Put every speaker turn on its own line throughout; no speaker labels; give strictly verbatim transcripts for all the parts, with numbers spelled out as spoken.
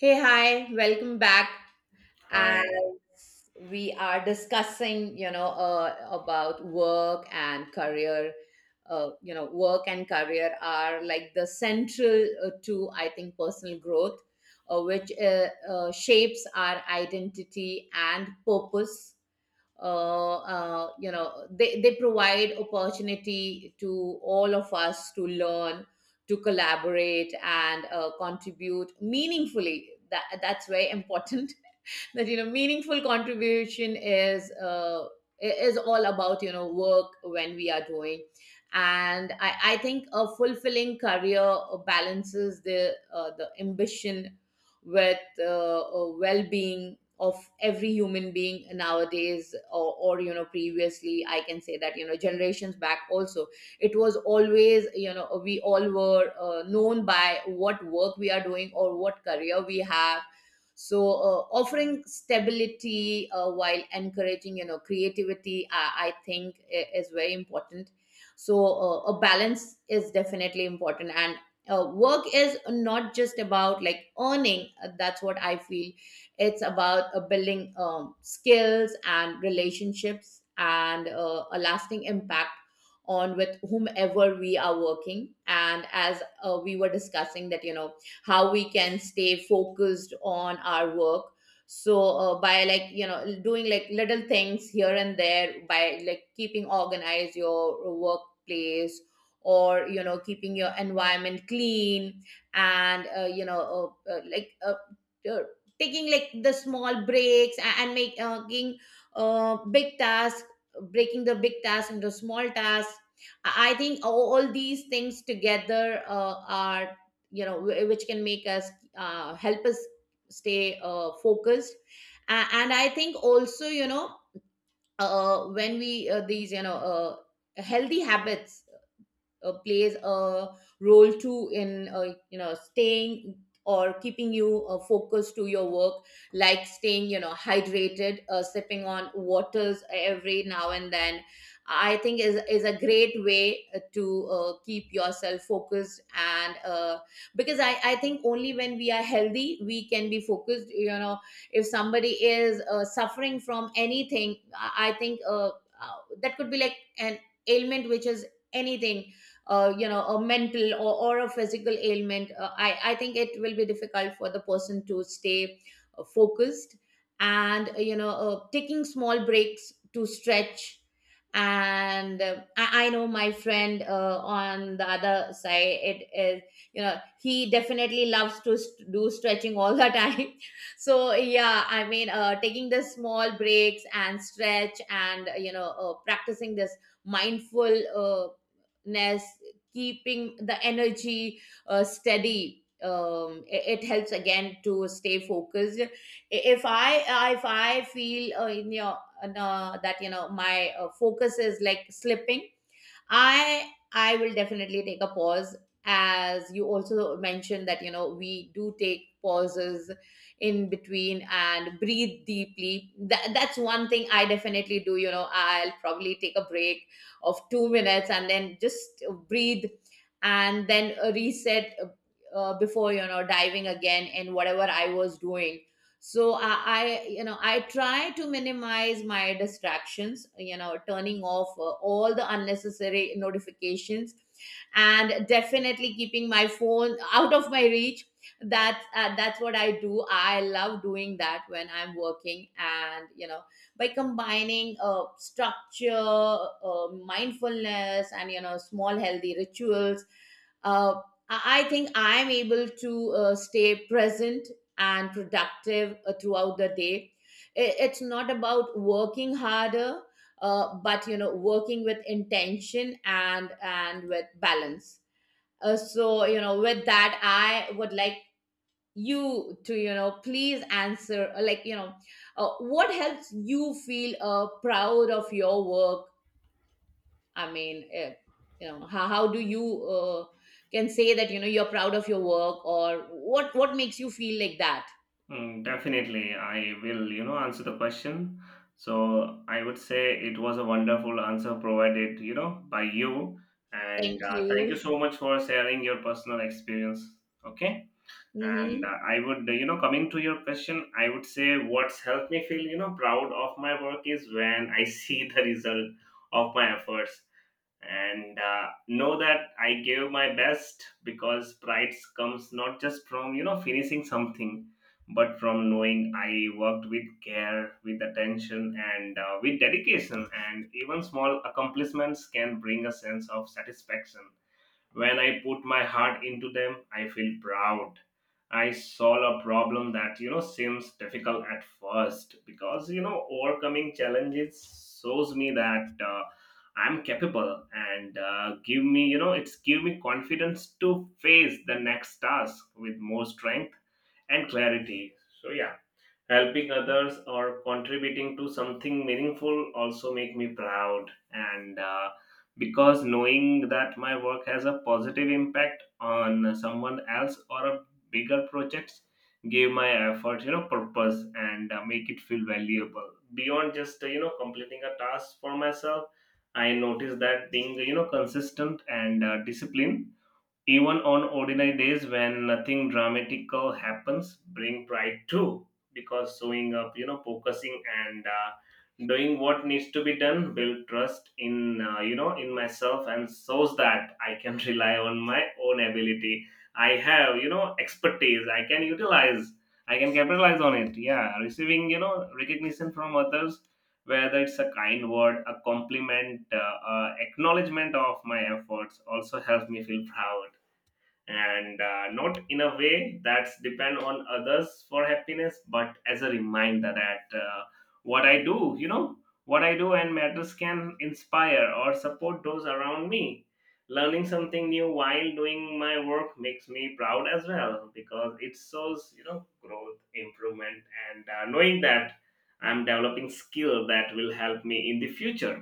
Hey, hi, welcome back. As
Hi.
we are discussing, you know, uh, about work and career, uh, you know, work and career are like the central uh, to, I think, personal growth, uh, which uh, uh, shapes our identity and purpose. Uh, uh, you know they, they provide opportunity to all of us to learn, to collaborate and uh, contribute meaningfully. That that's very important, that you know meaningful contribution is uh, is all about you know work when we are doing. And i, I think a fulfilling career balances the uh, the ambition with uh, uh, well-being of every human being nowadays, or, or you know previously. I can say that you know generations back also, it was always, you know, we all were uh, known by what work we are doing or what career we have. So uh, offering stability uh, while encouraging, you know, creativity, i, I think i- is very important. So uh, a balance is definitely important. And uh, work is not just about like earning. Uh, that's what I feel. It's about uh, building um, skills and relationships and uh, a lasting impact on with whomever we are working. And as uh, we were discussing, that you know, how we can stay focused on our work. So uh, by like you know doing like little things here and there, by like keeping organized your workplace or you know keeping your environment clean, and uh, you know uh, uh, like uh, uh, taking like the small breaks a- and making uh, making, uh, big tasks breaking the big tasks into small tasks, i I think all, all these things together uh, are you know wh- which can make us uh, help us stay uh, focused. A- and I think also you know, uh, when we uh, these you know uh, healthy habits uh, plays a role too in uh, you know staying or keeping you uh, focused to your work, like staying you know hydrated, uh, sipping on waters every now and then. I think is is a great way uh, to uh, keep yourself focused. And uh, because i i think only when we are healthy we can be focused, you know. If somebody is uh, suffering from anything, i I think uh, uh, that could be like an ailment, which is anything, uh, you know, a mental or, or a physical ailment. Uh, I, I think it will be difficult for the person to stay uh, focused. And uh, you know, uh, taking small breaks to stretch. And uh, I, I know my friend uh, on the other side, it is you know he definitely loves to st- do stretching all the time. So yeah, I mean, uh, taking the small breaks and stretch, and uh, you know uh, practicing this mindful, uh, keeping the energy uh, steady, um, i- it helps again to stay focused. If i I- if i feel uh, in your uh, that you know my uh, focus is like slipping, I I will definitely take a pause. As you also mentioned that you know we do take pauses in between and breathe deeply, that, that's one thing I definitely do, you know. I'll probably take a break of two minutes and then just breathe, and then uh, reset uh, uh, before you know diving again in whatever I was doing. So I, I you know I try to minimize my distractions, you know, turning off uh, all the unnecessary notifications, and definitely keeping my phone out of my reach. That's uh, that's what I do. I love doing that when I'm working. And you know, by combining uh, structure, uh, mindfulness and you know small healthy rituals, uh, i I think I'm able to uh, stay present and productive uh, throughout the day. I- It's not about working harder, uh, but you know, working with intention, and and with balance. Uh, so you know, with that, I would like you to you know please answer, uh, like you know, uh, what helps you feel uh, proud of your work. I mean, uh, you know, how, how do you uh, can say that you know you're proud of your work, or what what makes you feel like that?
Mm, definitely, I will, you know, answer the question. So I would say it was a wonderful answer provided, you know, by you.
Thank
And uh, thank you
you.
so much for sharing your personal experience. Okay. And uh,
Mhm.
I would, you know, coming to your question, I would say what's helped me feel, you know, proud of my work is when I see the result of my efforts. And uh, know that I gave my best, because pride comes not just from, you know, finishing something, but from knowing I worked with care, with attention, and uh, with dedication. And even small accomplishments can bring a sense of satisfaction when I put my heart into them, I feel proud. I solve a problem that, you know, seems difficult at first, because, you know, overcoming challenges shows me that uh, I'm capable, and uh, give me, you know, it's give me confidence to face the next task with more strength and clarity. So yeah, helping others or contributing to something meaningful also make me proud. And uh, because knowing that my work has a positive impact on someone else or a bigger projects give my effort, you know, purpose, and uh, make it feel valuable beyond just, uh, you know, completing a task for myself. I notice that being, you know, consistent and uh, disciplined, even on ordinary days when nothing dramatical happens, bring pride too, because showing up, you know, focusing, and uh, doing what needs to be done build trust in, uh, you know, in myself, and shows that I can rely on my own ability. I have, you know, expertise I can utilize, I can capitalize on it. Yeah, receiving, you know, recognition from others, whether it's a kind word, a compliment, uh, uh, acknowledgement of my efforts also helps me feel proud. And uh, not in a way that's depend on others for happiness, but as a reminder that uh, what I do, you know, what I do and matters can inspire or support those around me. Learning something new while doing my work makes me proud as well, because it shows, you know, growth, improvement. And uh, knowing that I'm developing skill that will help me in the future.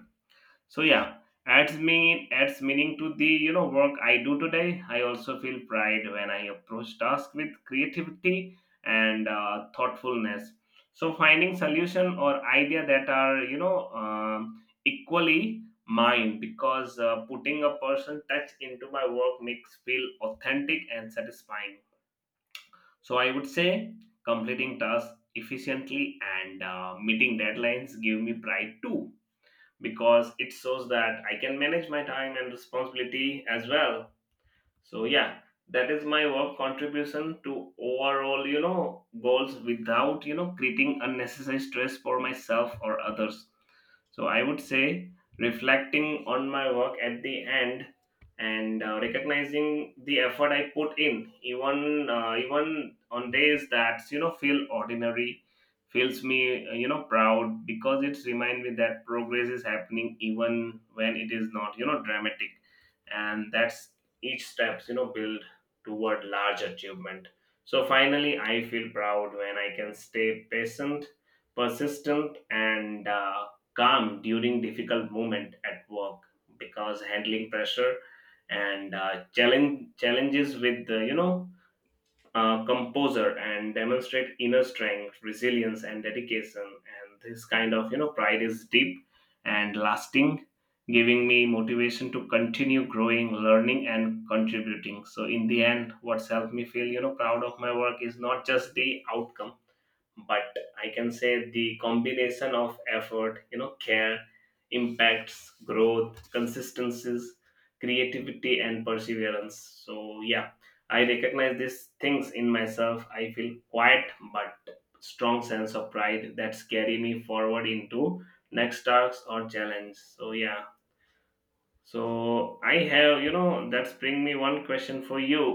So yeah, adds mean adds meaning to the, you know, work I do today. I also feel pride when I approach tasks with creativity and uh, thoughtfulness. So finding solution or idea that are, you know, um equally mine, because uh, putting a personal touch into my work makes feel authentic and satisfying. So I would say completing tasks efficiently and uh, meeting deadlines give me pride too, because it shows that I can manage my time and responsibility as well. So yeah, that is my work contribution to overall, you know, goals without, you know, creating unnecessary stress for myself or others. So I would say reflecting on my work at the end and uh, recognizing the effort I put in, even uh, even on days that, you know, feel ordinary, feels me, uh, you know, proud, because it reminds me that progress is happening even when it is not, you know, dramatic. And that's each steps, you know, build toward large achievement. So finally, I feel proud when I can stay patient, persistent, and uh, calm during difficult moment at work, because handling pressure and uh, challenge challenges with, uh, you know, uh, composer, and demonstrate inner strength, resilience, and dedication. And this kind of, you know, pride is deep and lasting, giving me motivation to continue growing, learning, and contributing. So in the end, what's helped me feel, you know, proud of my work is not just the outcome, but I can say the combination of effort, you know, care, impacts, growth, consistencies, creativity, and perseverance. So yeah, I recognize these things in myself, I feel quiet but strong sense of pride that's carry me forward into next tasks or challenge. So yeah, so I have, you know, that's bring me one question for you.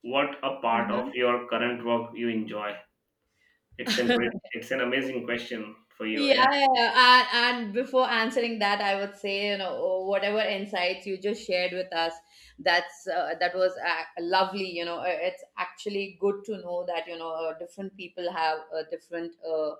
What a part of
Uh-huh.
your current work you enjoy? It's an great, it's an amazing question for you.
Yeah,
Yeah,
yeah, yeah. And, and before answering that, I would say, you know, oh, whatever insights you just shared with us, that's uh, that was uh, lovely. You know, Uh, it's actually good to know that you know uh, different people have uh, different uh,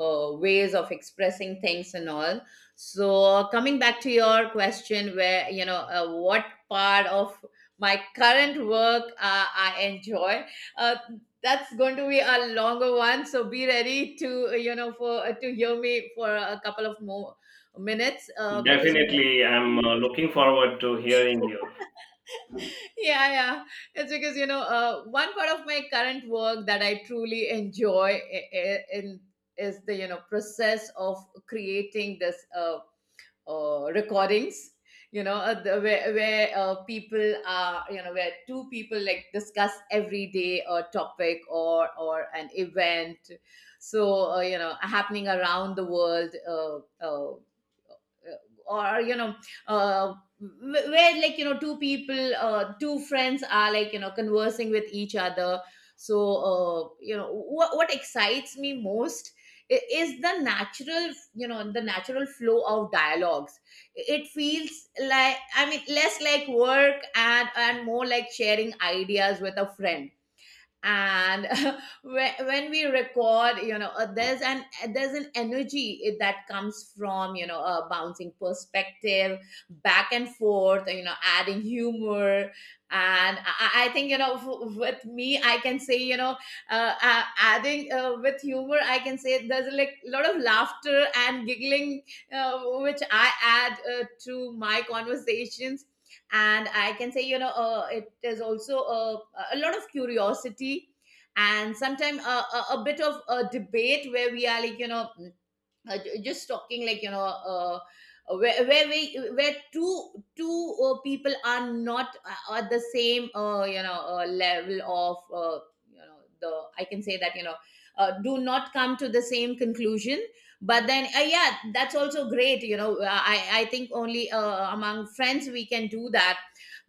uh, ways of expressing things and all. So uh, coming back to your question, where you know, uh, what part of my current work uh, I enjoy. Uh, that's going to be a longer one, so be ready to uh, you know for uh, to hear me for a couple of more minutes, uh, because you know,
definitely. I'm uh, looking forward to hearing you.
yeah yeah it's because you know uh, one part of my current work that I truly enjoy I- I- in is the you know process of creating this uh, uh, recordings, you know, uh, the, where, where uh, people are, you know, where two people like discuss every day a topic or or an event. So uh, you know happening around the world. Uh, uh, uh, or you know uh, where like you know two people, uh, two friends are like you know conversing with each other. So uh, you know what, what excites me most i- is the natural, you know, the natural flow of dialogues. It feels like, I mean, less like work, and and more like sharing ideas with a friend. And when when we record, you know, uh, there's an there's an energy it- that comes from you know a bouncing perspective back and forth, you know adding humor. And i, I I think you know, f- with me I can say, you know, uh, uh, adding uh, with humor, I can say there's like a lot of laughter and giggling, uh, which I add uh, to my conversations. And I can say you know uh, it is also a, a lot of curiosity, and sometimes a, a, a bit of a debate, where we are like you know uh, ju- just talking like you know, uh, uh, where where we where two two uh, people are not uh, at the same uh, you know uh, level of, uh, you know the I can say that you know uh, do not come to the same conclusion. But then uh, yeah, that's also great, you know. Uh, I I think only uh, among friends we can do that,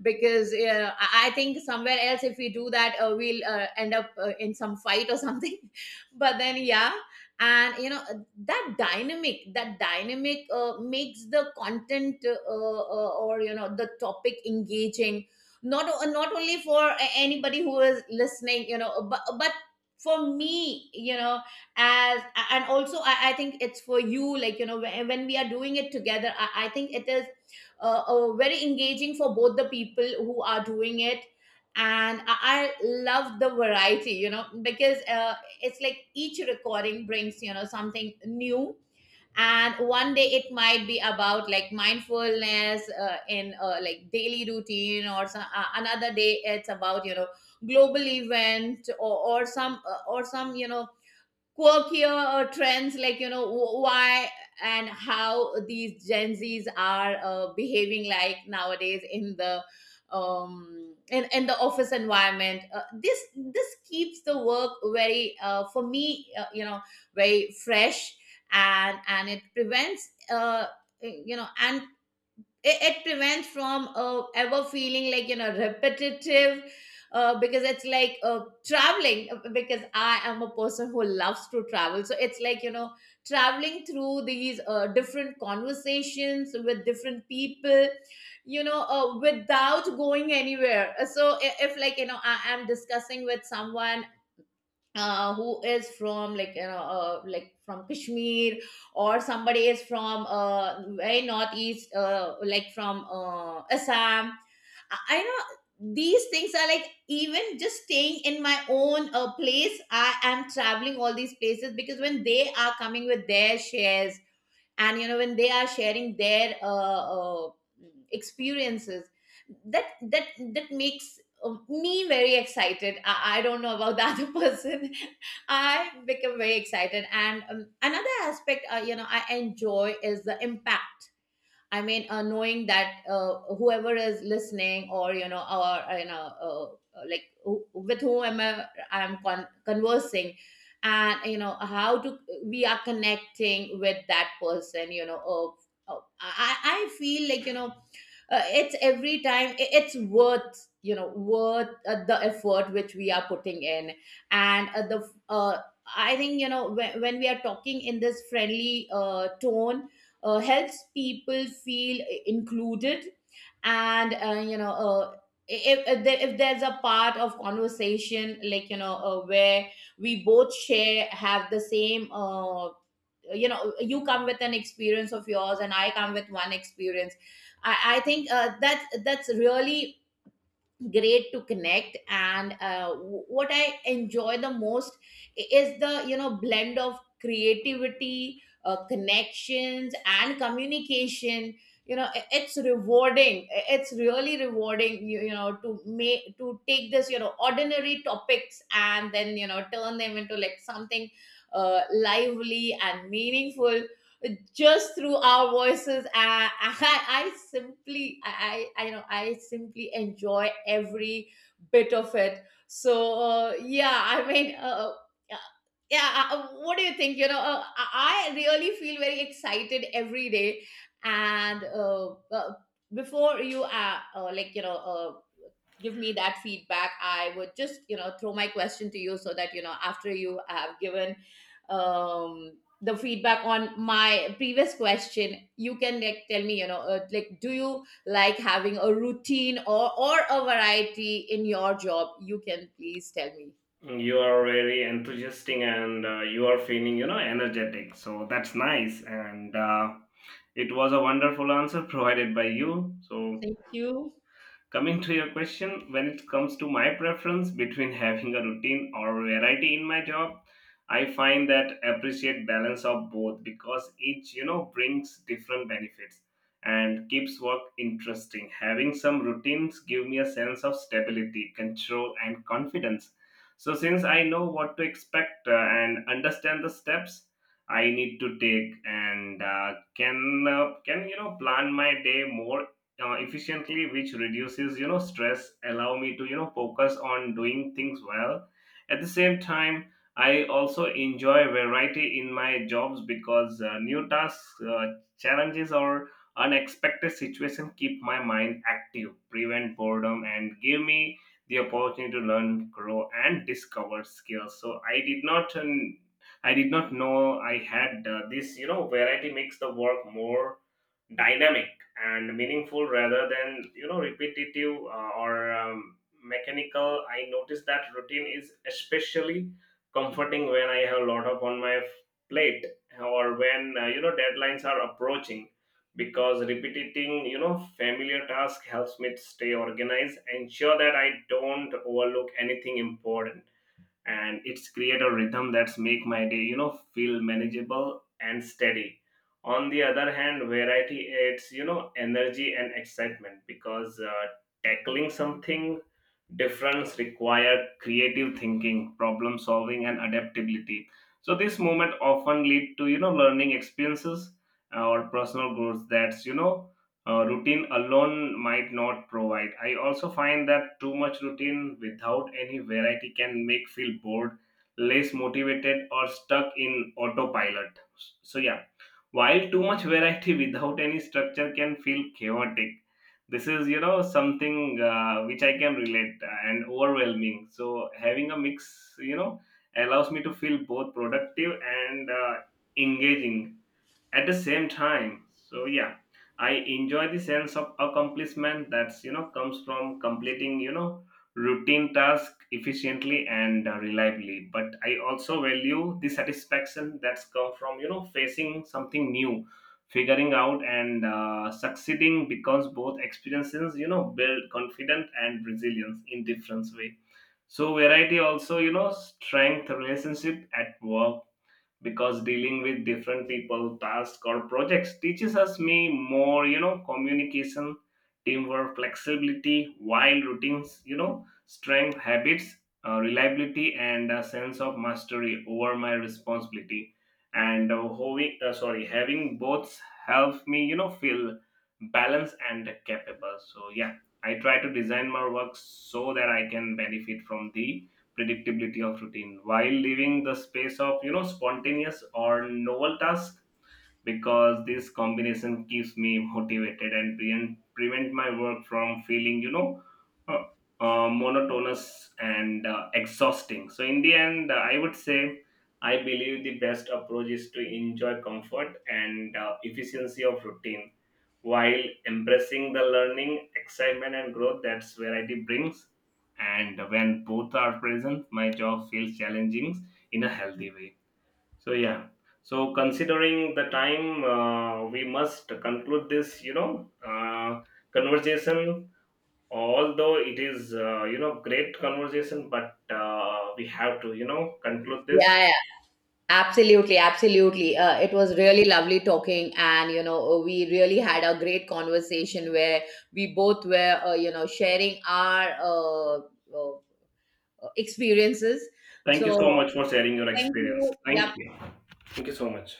because uh, I I think somewhere else if we do that, uh, we'll uh, end up uh, in some fight or something. But then yeah. And you know uh, that dynamic that dynamic uh, makes the content uh, uh, uh, or you know the topic engaging, not o- not only for a- anybody who is listening, you know, uh, but uh, but for me, you know, as. And also i, I think it's for you, like you know, when, when we are doing it together, i, I think it is uh, uh, very engaging for both the people who are doing it. And i, I love the variety, you know, because uh, it's like each recording brings you know something new. And one day it might be about like mindfulness uh, in uh, like daily routine or some, uh, another day it's about you know global event, or, or some uh, or some you know quirkier uh, trends, like you know, wh- why and how these gen z's are uh, behaving like nowadays in the um in, in the office environment. Uh, this this keeps the work very uh, for me uh, you know very fresh. And and it prevents uh you know and it, it prevents from uh, ever feeling like you know repetitive, uh, because it's like uh, traveling, uh, because I am a person who loves to travel. So it's like you know traveling through these uh, different conversations with different people, you know, uh, without going anywhere. Uh, so i- if like you know I am discussing with someone uh, who is from like you know uh, like from Kashmir, or somebody is from uh, very northeast uh, like from uh, Assam. I, I know these things are like even just staying in my own uh, place, I am traveling all these places, because when they are coming with their shares, and you know when they are sharing their uh, uh, experiences, that that that makes uh, me very excited. I, I don't know about the other person, I become very excited. And um, another aspect uh, you know I enjoy is the impact. I mean, uh, knowing that uh, whoever is listening, or you know, or uh, you know, uh, uh, like who- with whom am I, I'm con- conversing, and you know how to we are connecting with that person. You know, uh, uh, I I I feel like you know uh, it's every time, i- it's worth you know worth uh, the effort which we are putting in. And uh, the uh, I think you know when, when we are talking in this friendly uh, tone, uh, helps people feel i- included. And uh, you know uh, if, if there- if there's a part of conversation, like you know uh, where we both share have the same, uh, you know, you come with an experience of yours and I come with one experience, i, I think uh, that's that's really great to connect. And uh, w- what I enjoy the most i- is the you know blend of creativity, uh, connections and communication. You know i- it's rewarding, I- it's really rewarding, you, you know, to make to take this you know ordinary topics and then you know turn them into like something uh, lively and meaningful, just through our voices. I, I, I simply, I, I, you know, I simply enjoy every bit of it. So uh, yeah, I mean, uh, uh, yeah. uh, uh, What do you think? You know, uh, I I really feel very excited every day. And uh, uh, before you uh, uh, like you know uh, give me that feedback, I would just you know throw my question to you, so that you know after you have given um the feedback on my previous question, you can like tell me you know uh, like do you like having a routine, or or a variety in your job, you can please tell me.
You are very enthusiastic, and uh, you are feeling, you know, energetic. So that's nice. And uh, it was a wonderful answer provided by you. So
Thank you.
coming to your question, when it comes to my preference between having a routine or variety in my job, I find that appreciate balance of both, because each, you know, brings different benefits and keeps work interesting. Having some routines give me a sense of stability, control, and confidence. So since I know what to expect uh, and understand the steps I need to take, and uh, can uh, can you know, plan my day more uh, efficiently, which reduces, you know, stress, allow me to, you know, focus on doing things well. At the same time, I also enjoy variety in my jobs, because uh, new tasks, uh, challenges, or unexpected situation keep my mind active, prevent boredom, and give me the opportunity to learn, grow, and discover skills. So i did not uh, i did not know I had, uh, this, you know, variety makes the work more dynamic and meaningful rather than, you know, repetitive, uh, or um, mechanical. I notice that routine is especially comforting when I have a lot of on my plate, or when, uh, you know, deadlines are approaching, because repeating, you know, familiar task helps me to stay organized, ensure that I don't overlook anything important. And it's create a rhythm that's make my day, you know, feel manageable and steady. On the other hand, variety adds, you know, energy and excitement, because uh, tackling something difference require creative thinking, problem solving, and adaptability. So this moment often lead to, you know, learning experiences, uh, or personal growth that's, you know, uh, routine alone might not provide. I also find that too much routine without any variety can make feel bored, less motivated, or stuck in autopilot. So yeah, while too much variety without any structure can feel chaotic. This is, you know, something uh, which I can relate, uh, and overwhelming. So having a mix, you know, allows me to feel both productive and uh, engaging at the same time. So yeah, I enjoy the sense of accomplishment that's, you know, comes from completing, you know, routine task efficiently and uh, reliably, but I also value the satisfaction that's come from, you know, facing something new, figuring out, and uh, succeeding, because both experiences, you know, build confidence and resilience in different way. So variety also, you know, strength relationship at work, because dealing with different people, tasks, or projects teaches us me more, you know, communication, teamwork, flexibility, while routines, you know, strength habits, uh, reliability, and a sense of mastery over my responsibility. And uh, having, uh, sorry, having both help me, you know, feel balanced and capable. So yeah, I try to design my work so that I can benefit from the predictability of routine while leaving the space of, you know, spontaneous or novel task, because this combination keeps me motivated and prevent, prevent my work from feeling, you know, uh, uh, monotonous and uh, exhausting. So in the end, uh, I would say I believe the best approach is to enjoy comfort and uh, efficiency of routine, while embracing the learning, excitement, and growth that's variety brings. And when both are present, my job feels challenging in a healthy way. So yeah. So considering the time, uh, we must conclude this, you know, uh, conversation. Although it is, uh, you know, great conversation, but uh, we have to, you know, conclude this.
Yeah. Absolutely, absolutely. Uh, it was really lovely talking, and you know, uh, we really had a great conversation where we both were, uh, you know, sharing our uh, uh, experiences.
Thank you so
So,
much for sharing your
thank
experience.
you.
Thank
Yep.
you. Thank you so much.